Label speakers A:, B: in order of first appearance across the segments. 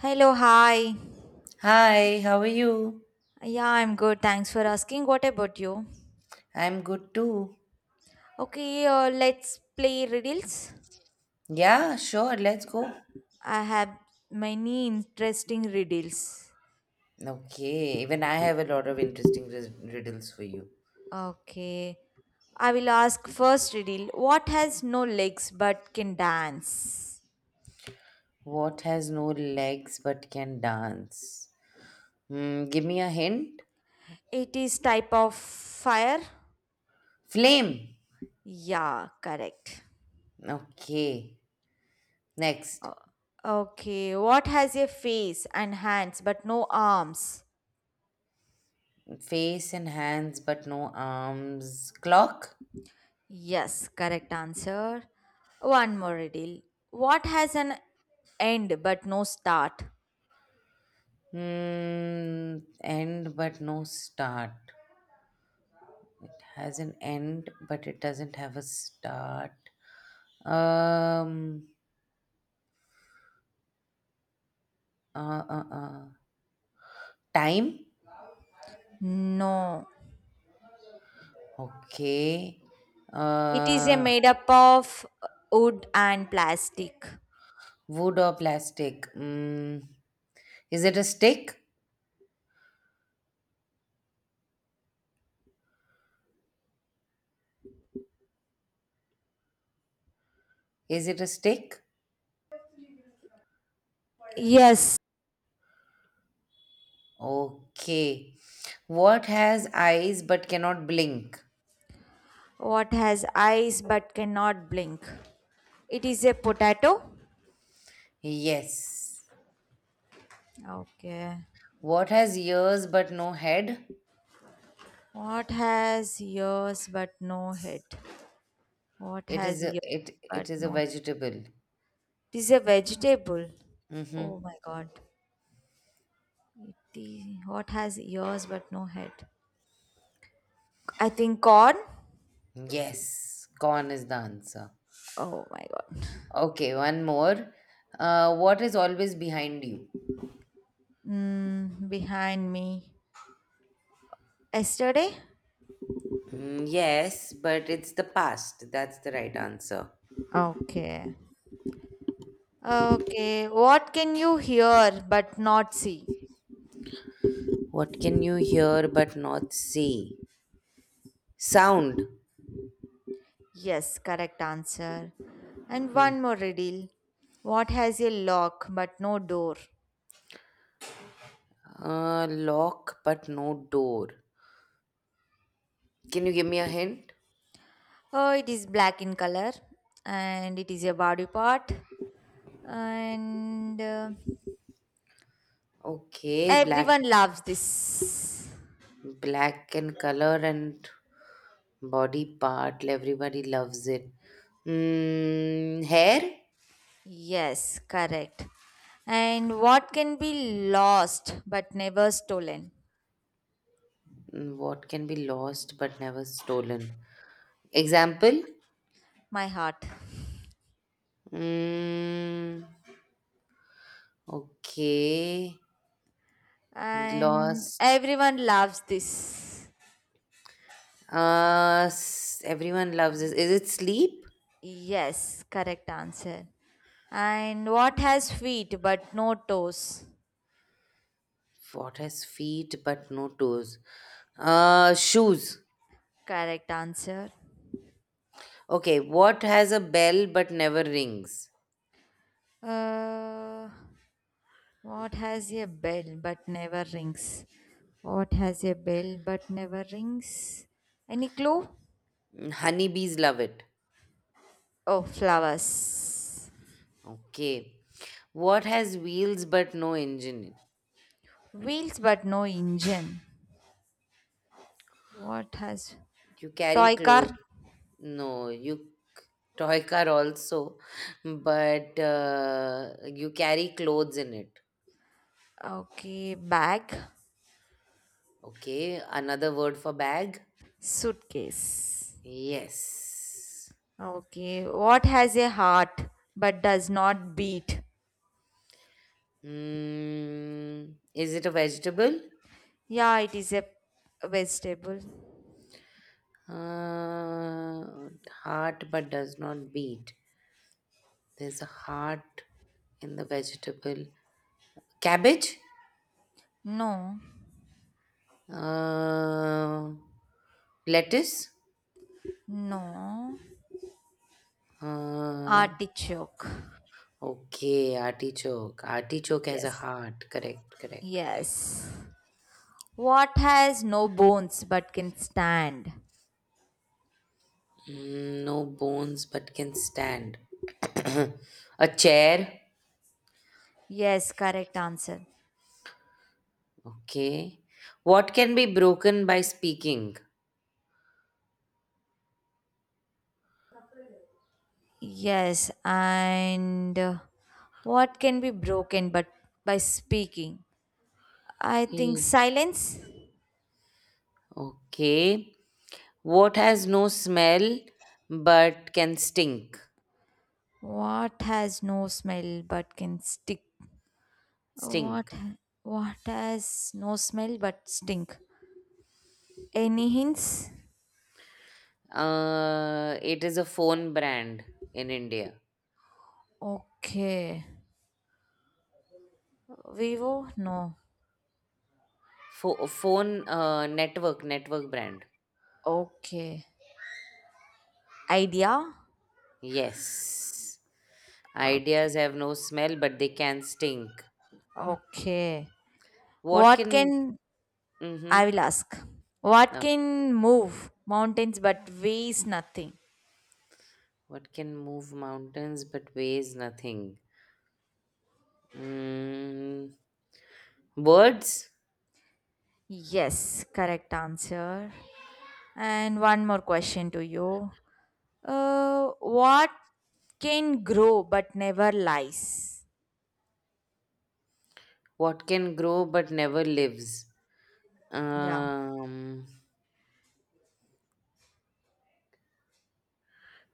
A: Hello, hi.
B: Hi, how are you?
A: Yeah, I'm good. Thanks for asking. What about you?
B: I'm good too.
A: Okay, let's play riddles.
B: Yeah, sure, let's go.
A: I have many interesting riddles.
B: Okay, even I have a lot of interesting riddles for you.
A: Okay. I will ask first riddle. What has no legs but can dance?
B: What has no legs but can dance? Hmm, give me a hint.
A: It is type of fire?
B: Flame.
A: Yeah, correct.
B: Okay, next.
A: O- Okay. What has a face and hands but no arms?
B: Face and hands but no arms. Clock.
A: Yes, correct answer. One more riddle. What has an end but no start?
B: Hmm, end but no start. Has an end but it doesn't have a start. Um, Uh, uh, uh. Time?
A: No.
B: Okay.
A: It is a
B: Uh,
A: made up of wood and plastic.
B: Wood or plastic? Mm. Is it a stick? Is it a stick?
A: Yes.
B: Okay. What has eyes but cannot blink?
A: What has eyes but cannot blink? It is a potato.
B: Yes.
A: Okay.
B: What has ears but no head?
A: What has ears but no head? What
B: It is
A: has
B: a
A: ears
B: it
A: but
B: it is a
A: no head?
B: vegetable.
A: It is a vegetable.
B: Mm-hmm.
A: Oh my god. It is, what has ears but no head? I think on.
B: Yes. Corn is the answer.
A: Oh my god.
B: Okay, one more. What is always behind you?
A: Mm, behind me. Yesterday?
B: Mm, yes, but it's the past. That's the right answer.
A: Okay. Okay. What can you hear but not see?
B: What can you hear but not see? Sound.
A: Yes, correct answer. And
B: Hmm.
A: one more riddle. What has a lock but no door?
B: Lock but no door. Can you give me a hint?
A: Oh, it is black in color and it is a body part. And
B: Okay, black,
A: everyone loves this.
B: black and color and body part. Everybody loves it. Mm, hair.
A: Yes, correct. And what can be lost but never stolen?
B: Mm, what can be lost but never stolen? Example.
A: My heart.
B: Mm, okay,
A: And
B: lost.
A: everyone loves this.
B: Everyone loves this. Is it sleep?
A: Yes, correct answer. And what has feet but no toes?
B: What has feet but no toes? Shoes.
A: Correct answer.
B: Okay, what has a bell but never rings?
A: Uh, what has a bell but never rings? What has a bell but never rings? Any clue?
B: Mm, honeybees love it.
A: Oh, flowers.
B: Okay. What has wheels but no engine?
A: Wheels but no engine. What has
B: You carry
A: toy car?
B: clothes. No, you c- toy car also, but you carry clothes in it.
A: Okay, bag,
B: Okay, another word for bag?
A: suitcase.
B: Yes.
A: Okay, what has a heart but does not beat?
B: Mm, is it a vegetable?
A: Yeah, it is a vegetable.
B: Uh, Heart but does not beat. There's a heart in the vegetable. Cabbage?
A: No,
B: Uh, Lettuce?
A: no,
B: Uh,
A: artichoke.
B: okay, artichoke. Artichoke has a
A: Yes,
B: heart. Correct, correct, correct.
A: yes. What has no bones but can stand?
B: Mm, no bones but can stand. A chair?
A: Yes, correct answer.
B: Okay. What can be broken by speaking?
A: Yes, and what can be broken but by speaking? I think
B: Hmm.
A: silence.
B: Okay. What has no smell but can stink?
A: What has no smell but can stick? What
B: Stink.
A: ha- what has no smell but stink? Any hints?
B: It is a phone brand in India.
A: Okay. Vivo? No.
B: Phone network, network brand.
A: Okay. Idea?
B: Yes.
A: Okay.
B: Ideas have no smell but they can stink.
A: okay.
B: What
A: What
B: can.
A: can I
B: Mm-hmm.
A: will ask? What
B: Uh,
A: can move mountains but weighs nothing?
B: what can move mountains but weighs nothing? Mm, words?
A: Yes, correct answer. And one more question to you. What can grow but never lies?
B: What can grow but never lives?
A: Yeah.
B: Um.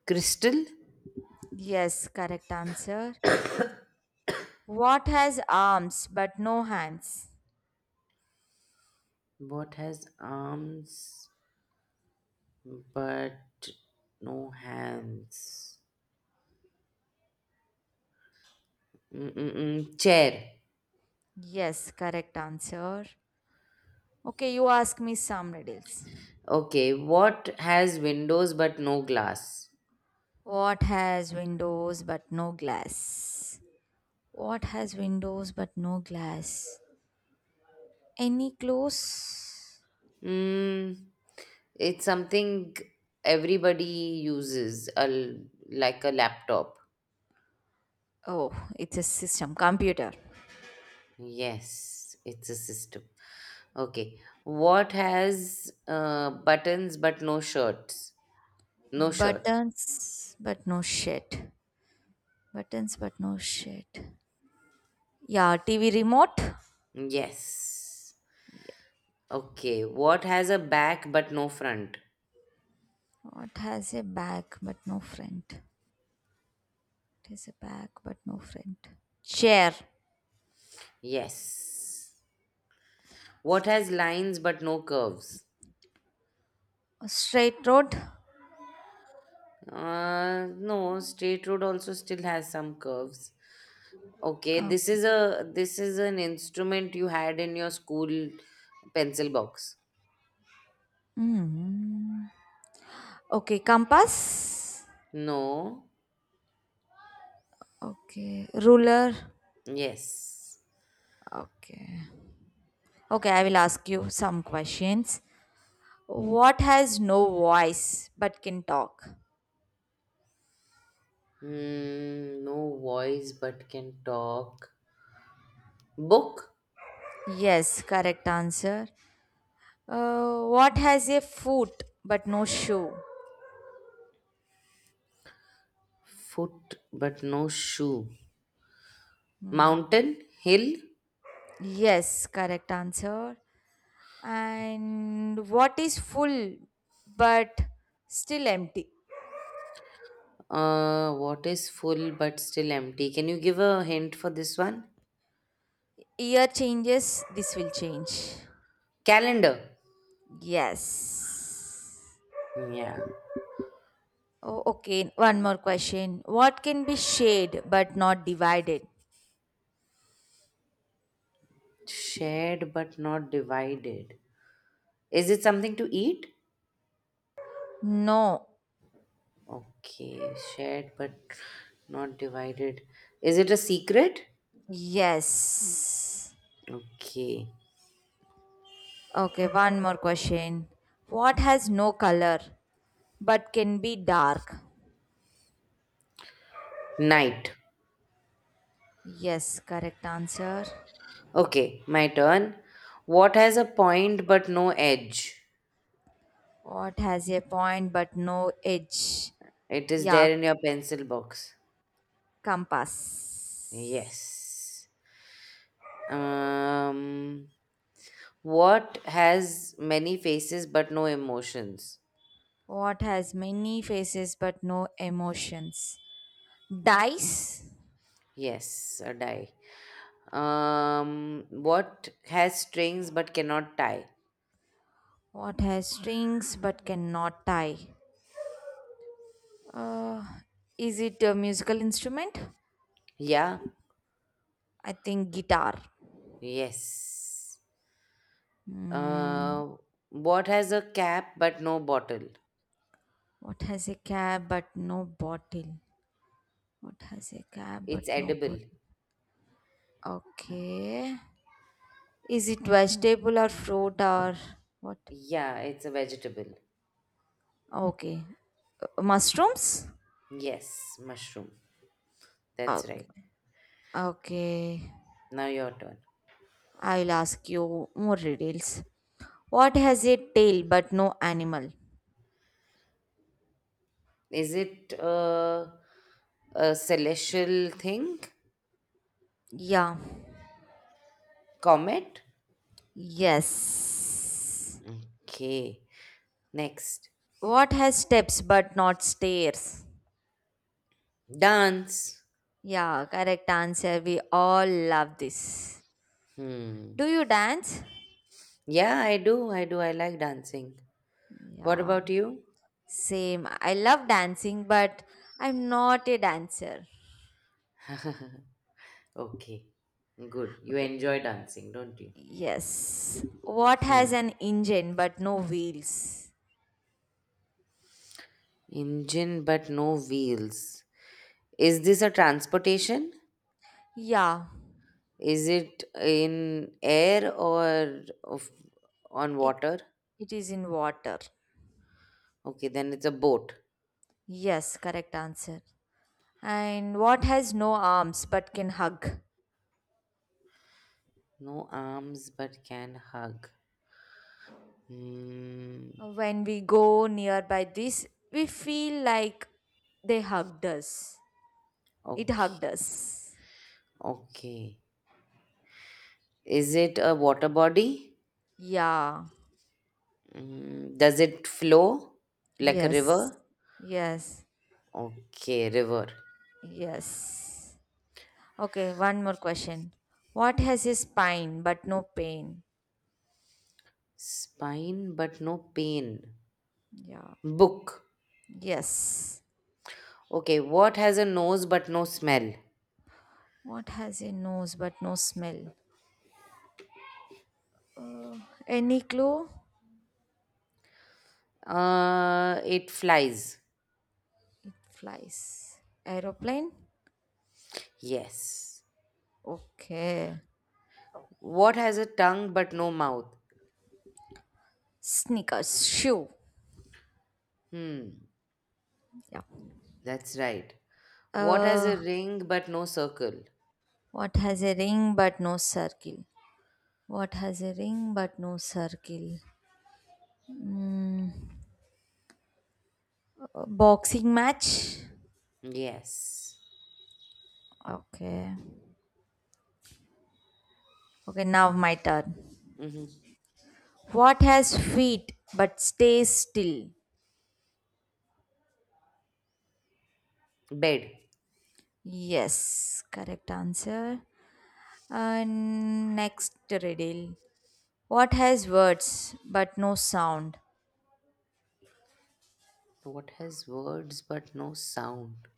B: Crystal?
A: Yes, correct answer. What has arms but no hands?
B: Both has arms but no hands. Mm-mm-mm. Chair.
A: Yes, correct answer. Okay, you ask me some riddles.
B: Okay. What has windows but no glass?
A: What has windows but no glass? What has windows but no glass? Any close?
B: Mm, it's something everybody uses, like a laptop.
A: Oh, it's a system, computer.
B: Yes, it's a system. Okay. What has buttons but no shirts? No shirt.
A: Buttons but no shit. Buttons but no shit. Yeah, TV remote.
B: Yes. Okay, what has a back but no front?
A: What has a back but no front? It has a back but no front. Chair.
B: Yes. What has lines but no curves?
A: A straight road.
B: No, straight road also still has some curves. Okay, this
A: Okay.
B: is a this is an instrument you had in your school pencil box.
A: Hmm. Okay, compass.
B: No.
A: Okay, ruler.
B: Yes.
A: Okay. Okay, I will ask you some questions. What has no voice but can talk?
B: Hmm, no voice but can talk. Book,
A: Yes, correct answer. What has a foot but no shoe?
B: foot but no shoe. Mountain, hill,
A: Yes, correct answer. And what is full but still empty?
B: uh, what is full but still empty? Can you give a hint for this one?
A: Year changes this will change.
B: Calendar.
A: Yes.
B: Yeah.
A: Oh, okay, one more question. What can be shared but not divided?
B: Shared but not divided. Is it something to eat?
A: No.
B: Okay. Shared but not divided. Is it a secret?
A: Yes.
B: Okay.
A: Okay, one more question. What has no color but can be dark?
B: Night.
A: Yes, correct answer.
B: Okay. My turn. What has a point but no edge?
A: What has a point but no edge?
B: It is
A: Yeah.
B: there in your pencil box.
A: Compass.
B: Yes. Um. What has many faces but no emotions?
A: What has many faces but no emotions? Dice.
B: Yes, a die. What has strings but cannot tie?
A: What has strings but cannot tie? Uh, is it a musical instrument?
B: Yeah,
A: I think guitar.
B: yes.
A: Hmm.
B: Uh, what has a cap but no bottle?
A: What has a cap but no bottle? What has a cap but
B: It's
A: no
B: edible.
A: bottle? Okay. Is it vegetable or fruit or what?
B: Yeah, it's a vegetable.
A: Okay. Mushrooms?
B: Yes, mushroom. That's
A: Okay.
B: right.
A: Okay.
B: Now your turn.
A: I will ask you more details. What has a tail but no animal?
B: Is it a celestial thing?
A: Yeah.
B: Comet?
A: Yes.
B: Okay. Next.
A: What has steps but not stairs?
B: Dance.
A: Yeah, correct answer. We all love this.
B: Hmm.
A: Do you dance?
B: Yeah, I do. I do. I like dancing. What
A: Yeah,
B: about you?
A: same. I love dancing, but I'm not a dancer.
B: Okay. Good. You
A: Okay,
B: enjoy dancing, don't you?
A: yes. What
B: Hmm.
A: has an engine but no wheels?
B: Engine but no wheels. Is this a transportation?
A: Yeah,
B: Is it in air or of, On
A: it
B: water?
A: it is in water.
B: Okay, then it's a boat.
A: Yes, correct answer. And what has no arms but can hug?
B: No arms but can hug. Hmm.
A: When we go nearby this, we feel like they hugged us. It
B: Okay.
A: hugged us.
B: Okay. Is it a water body?
A: Yeah.
B: Mm, does it flow like a
A: Yes.
B: river?
A: Yes.
B: Okay, river.
A: Yes. Okay, one more question. What has a spine but no pain?
B: Spine but no pain.
A: Yeah.
B: Book.
A: Yes.
B: Okay, what has a nose but no smell?
A: What has a nose but no smell? Any clue?
B: It flies.
A: It flies. Aeroplane?
B: Yes.
A: Okay.
B: What has a tongue but no mouth?
A: Sneakers, shoe.
B: Hmm,
A: Yeah.
B: that's right. What has
A: Uh,
B: a ring but no circle?
A: what has a ring but no circle? What has a ring but no circle? Boxing match?
B: Yes.
A: Okay. Okay, now my turn.
B: Mm-hmm.
A: What has feet but stays still?
B: Bed.
A: Yes, correct answer. And next riddle. What has words but no sound?
B: What has words but no sound?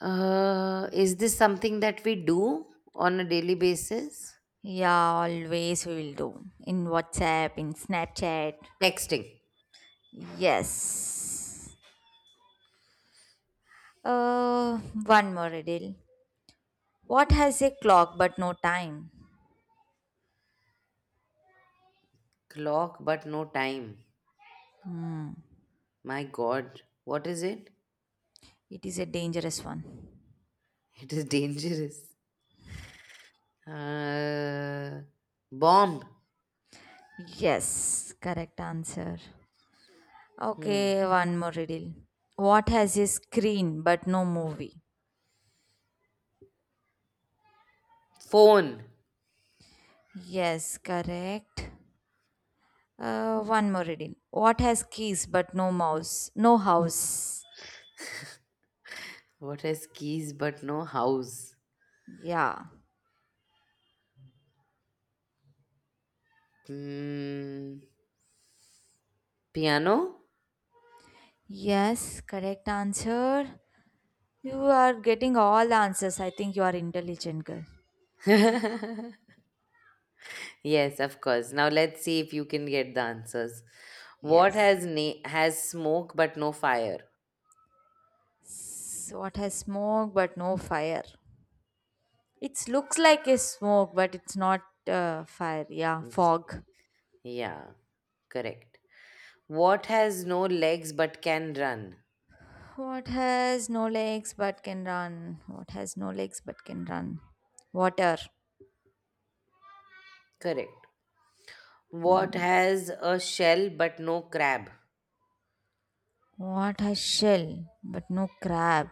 B: Is this something that we do on a daily basis?
A: Yeah, always we will do. In WhatsApp, in Snapchat.
B: Texting.
A: Yes. Uh, One more riddle. What has a clock but no time?
B: Clock, but no time. My God, what is it?
A: It is a dangerous one.
B: It is dangerous. Uh, bomb.
A: Yes, correct answer.
B: Hmm.
A: Okay, one more riddle. What has a screen but no movie?
B: Phone.
A: Yes, correct. One more riddle. What has keys but no mouse? No house.
B: What has keys but no house?
A: Yeah.
B: Hmm. Piano?
A: Yes, correct answer. You are getting all the answers. I think you are intelligent girl.
B: Yes, of course. Now let's see if you can get the answers. What
A: Yes.
B: has has smoke but no fire?
A: It's what has smoke but no fire. It looks like a smoke but it's not fire. Yeah,
B: Mm.
A: fog.
B: Yeah, correct. What has no legs but can run?
A: What has no legs but can run? What has no legs but can run? Water.
B: Correct. What has a shell but no crab?
A: What has shell but no crab?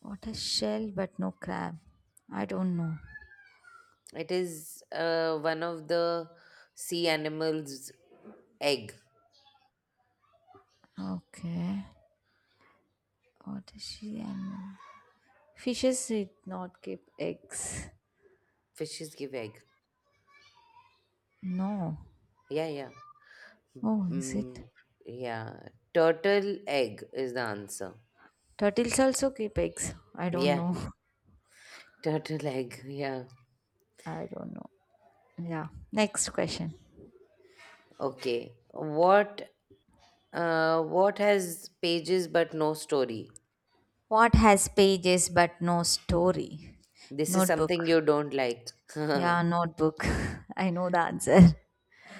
A: What has shell but no crab? I don't know.
B: It is one of the sea animals' egg.
A: Okay, what is she animal? Fishes did not keep eggs.
B: Fishes give egg.
A: No.
B: Yeah, yeah.
A: Oh, is
B: Mm,
A: it?
B: yeah. Turtle egg is the answer.
A: Turtles also keep eggs. I don't
B: Yeah,
A: know.
B: turtle egg. Yeah.
A: I don't know. Yeah. Next question.
B: Okay. What has pages but no story?
A: What has pages but no story?
B: This is something
A: Notebook.
B: you don't like.
A: Yeah, notebook. I know the answer.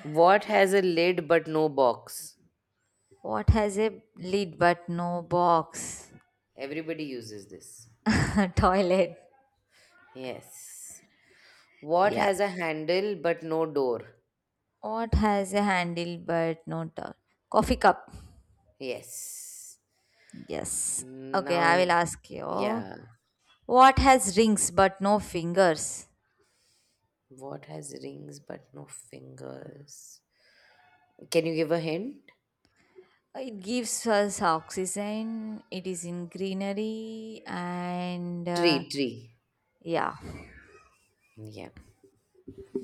B: What has a lid but no box?
A: What has a lid but no box?
B: Everybody uses this.
A: Toilet.
B: Yes. What
A: Yes.
B: has a handle but no door?
A: What has a handle but no top? Coffee cup.
B: Yes.
A: Yes. Okay,
B: Now,
A: I will ask you.
B: yeah.
A: What has rings but no fingers?
B: What has rings but no fingers? Can you give a hint?
A: It gives us oxygen, it is in greenery, and
B: Tree, tree.
A: yeah.
B: Yeah.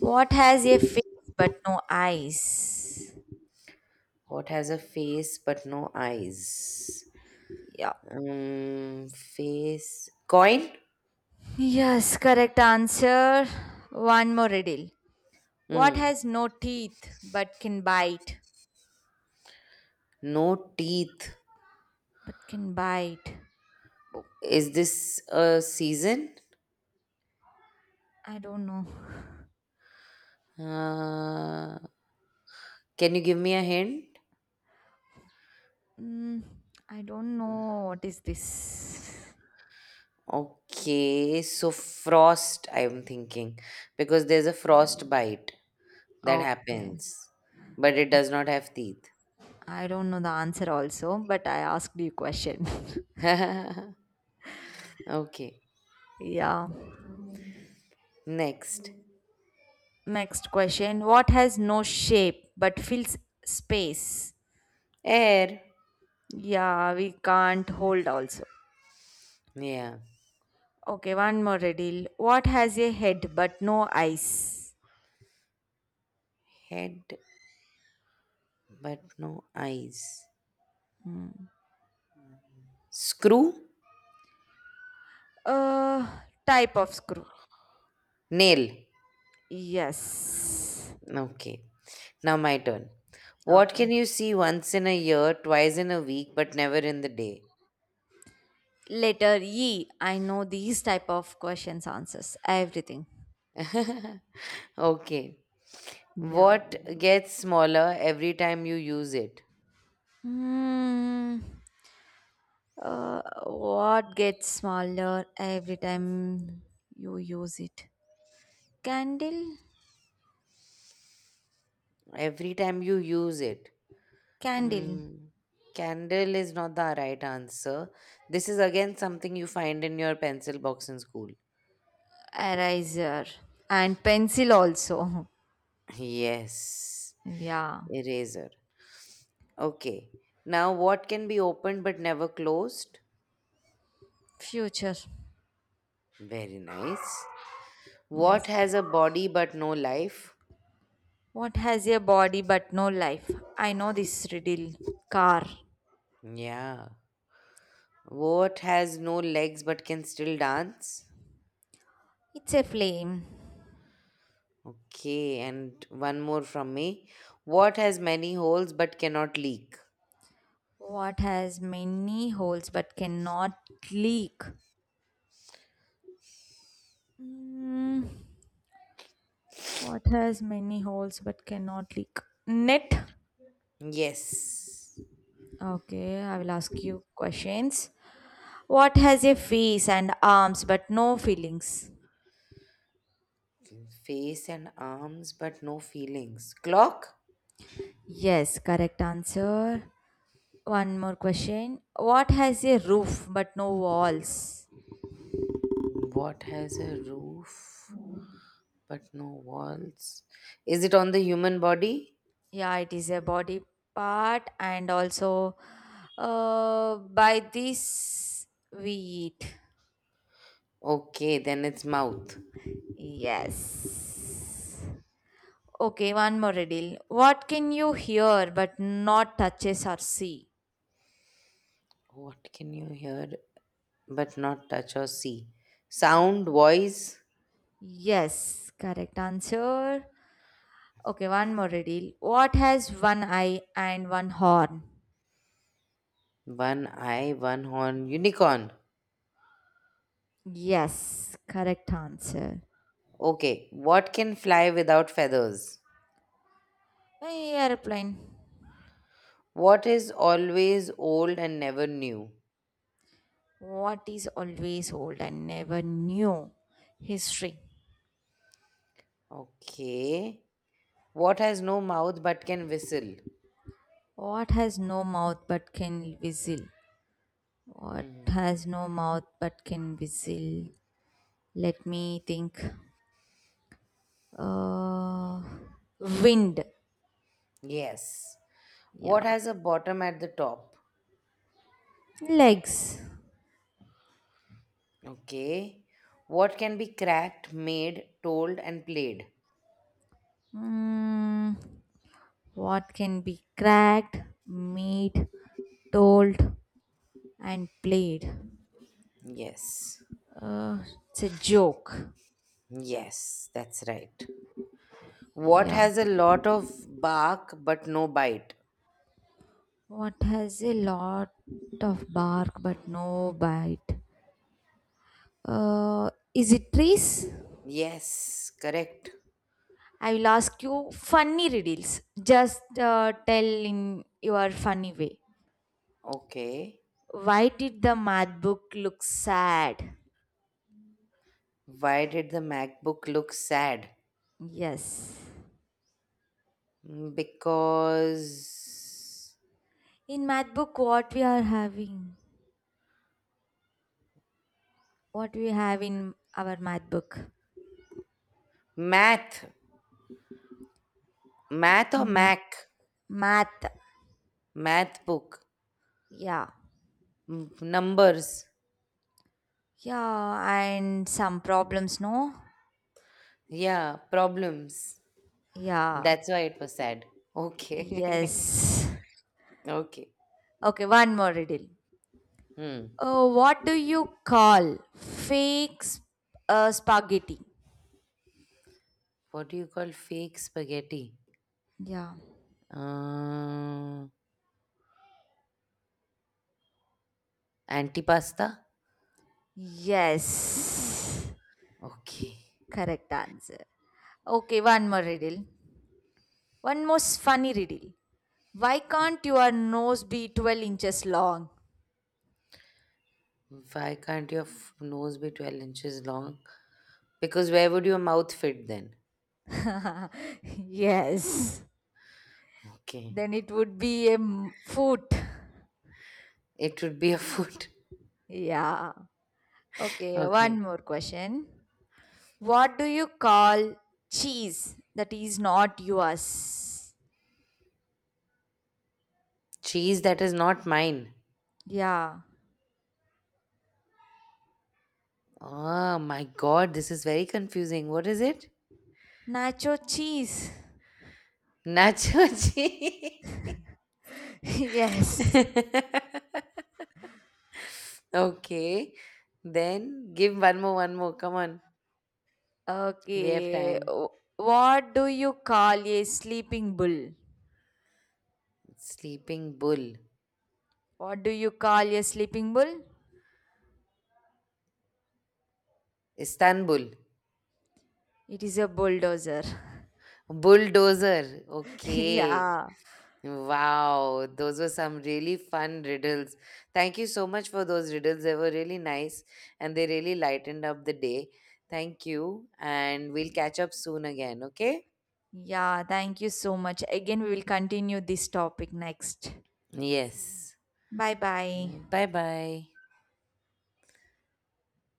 A: What has a face but no eyes?
B: What has a face but no eyes?
A: Yeah.
B: Face. Coin?
A: Yes, correct answer. One more riddle. What
B: Mm.
A: has no teeth but can bite?
B: No teeth.
A: But can bite.
B: Is this a season?
A: I don't know.
B: Uh, can you give me a hint?
A: Mm, I don't know what is this.
B: Okay, so frost, I'm thinking, because there's a frostbite that
A: Okay.
B: happens, but it does
A: Okay.
B: not have teeth.
A: I don't know the answer also, but I asked you question.
B: Okay,
A: yeah.
B: next.
A: Next question. What has no shape but fills space?
B: Air.
A: Yeah, we can't hold also.
B: Yeah,
A: Okay, one more riddle. What has a head but no eyes?
B: head, but no eyes.
A: Hmm.
B: Screw,
A: Uh, type of screw.
B: nail.
A: Yes.
B: Okay, now my turn. What
A: Okay.
B: can you see once in a year, twice in a week, but never in the day?
A: Letter E. I know these type of questions answers everything.
B: Okay,
A: Yeah.
B: what gets smaller every time you use it?
A: Hmm. What gets smaller every time you use it? Candle,
B: Every time you use it.
A: candle,
B: Um, candle is not the right answer. This is again something you find in your pencil box in school.
A: eraser, and pencil also.
B: Yes,
A: Yeah,
B: eraser. Okay. Now, what can be opened but never closed?
A: future.
B: Very nice. What
A: Yes.
B: has a body but no life?
A: What has a body but no life? I know this riddle. Car.
B: Yeah. What has no legs but can still dance?
A: It's a flame.
B: Okay, and one more from me. What has many holes but cannot leak?
A: What has many holes but cannot leak? Mm, what has many holes but cannot leak? Net.
B: Yes.
A: Okay, I will ask you questions. What has a face and arms but no feelings?
B: Face and arms, but no feelings. Clock?
A: Yes, correct answer. One more question. What has a roof but no walls?
B: What has a roof, but no walls? Is it on the human body?
A: Yeah, it is a body part, and also by this we eat.
B: Okay, then it's mouth.
A: Yes. Okay, one more riddle. What can you hear but not touches or see?
B: What can you hear, but not touch or see? Sound, voice,
A: Yes, correct answer. Okay, one more riddle. What has one eye and one horn?
B: one eye, one horn, unicorn.
A: Yes, correct answer.
B: Okay, what can fly without feathers?
A: An airplane.
B: What is always old and never new?
A: What is always old and never new? History.
B: Okay. What has no mouth but can whistle?
A: What has no mouth but can whistle? What
B: Mhm.
A: has no mouth but can whistle? Let me think. Uh, Wind.
B: Yes. What
A: Yeah.
B: has a bottom at the top?
A: Legs.
B: Okay. What can be cracked, made, told, and played?
A: Mm, what can be cracked, made, told, and played?
B: Yes.
A: Uh, it's a joke.
B: Yes, that's right. What
A: Yeah.
B: has a lot of bark but no bite?
A: What has a lot of bark but no bite? Is it trees?
B: Yes, correct.
A: I will ask you funny riddles. Just tell in your funny way.
B: Okay.
A: Why did the math book look sad?
B: Why did the MacBook look sad?
A: Yes.
B: Mm, because
A: In math book, what we are having? What we have in our math book?
B: math, math or
A: Math.
B: Mac,
A: Math.
B: math book.
A: Yeah.
B: Mm, numbers.
A: Yeah, and some problems, no?
B: Yeah, problems.
A: Yeah.
B: That's why it was sad. Okay.
A: Yes.
B: Okay.
A: Okay, one more riddle.
B: Hmm.
A: Oh, what do you call fake spaghetti?
B: What do you call fake spaghetti?
A: Yeah.
B: Uh, antipasta?
A: Yes.
B: Okay.
A: Correct answer. Okay, one more riddle. One most funny riddle. Why can't your nose be 12 inches long?
B: Why can't your nose be 12 inches long? Because where would your mouth fit then?
A: yes.
B: Okay.
A: Then it would be a foot.
B: It would be a foot.
A: Yeah. Okay, one
B: Okay.
A: more question. What do you call cheese that is not yours?
B: Cheese that is not mine.
A: Yeah.
B: Oh my god, this is very confusing. What is it?
A: Nacho cheese.
B: Nacho cheese.
A: Yes.
B: Okay. Then give one more, one more. Come on. We have
A: Okay.
B: time.
A: What do you call a sleeping bull?
B: Sleeping Bull.
A: What do you call a sleeping bull?
B: Istanbul.
A: It is a bulldozer.
B: Bulldozer. Okay.
A: Yeah.
B: Wow. Those were some really fun riddles. Thank you so much for those riddles. They were really nice and they really lightened up the day. Thank you. And we'll catch up soon again. Okay.
A: Yeah. Thank you so much. Again, we will continue this topic next.
B: Yes.
A: Bye bye.
B: Bye bye.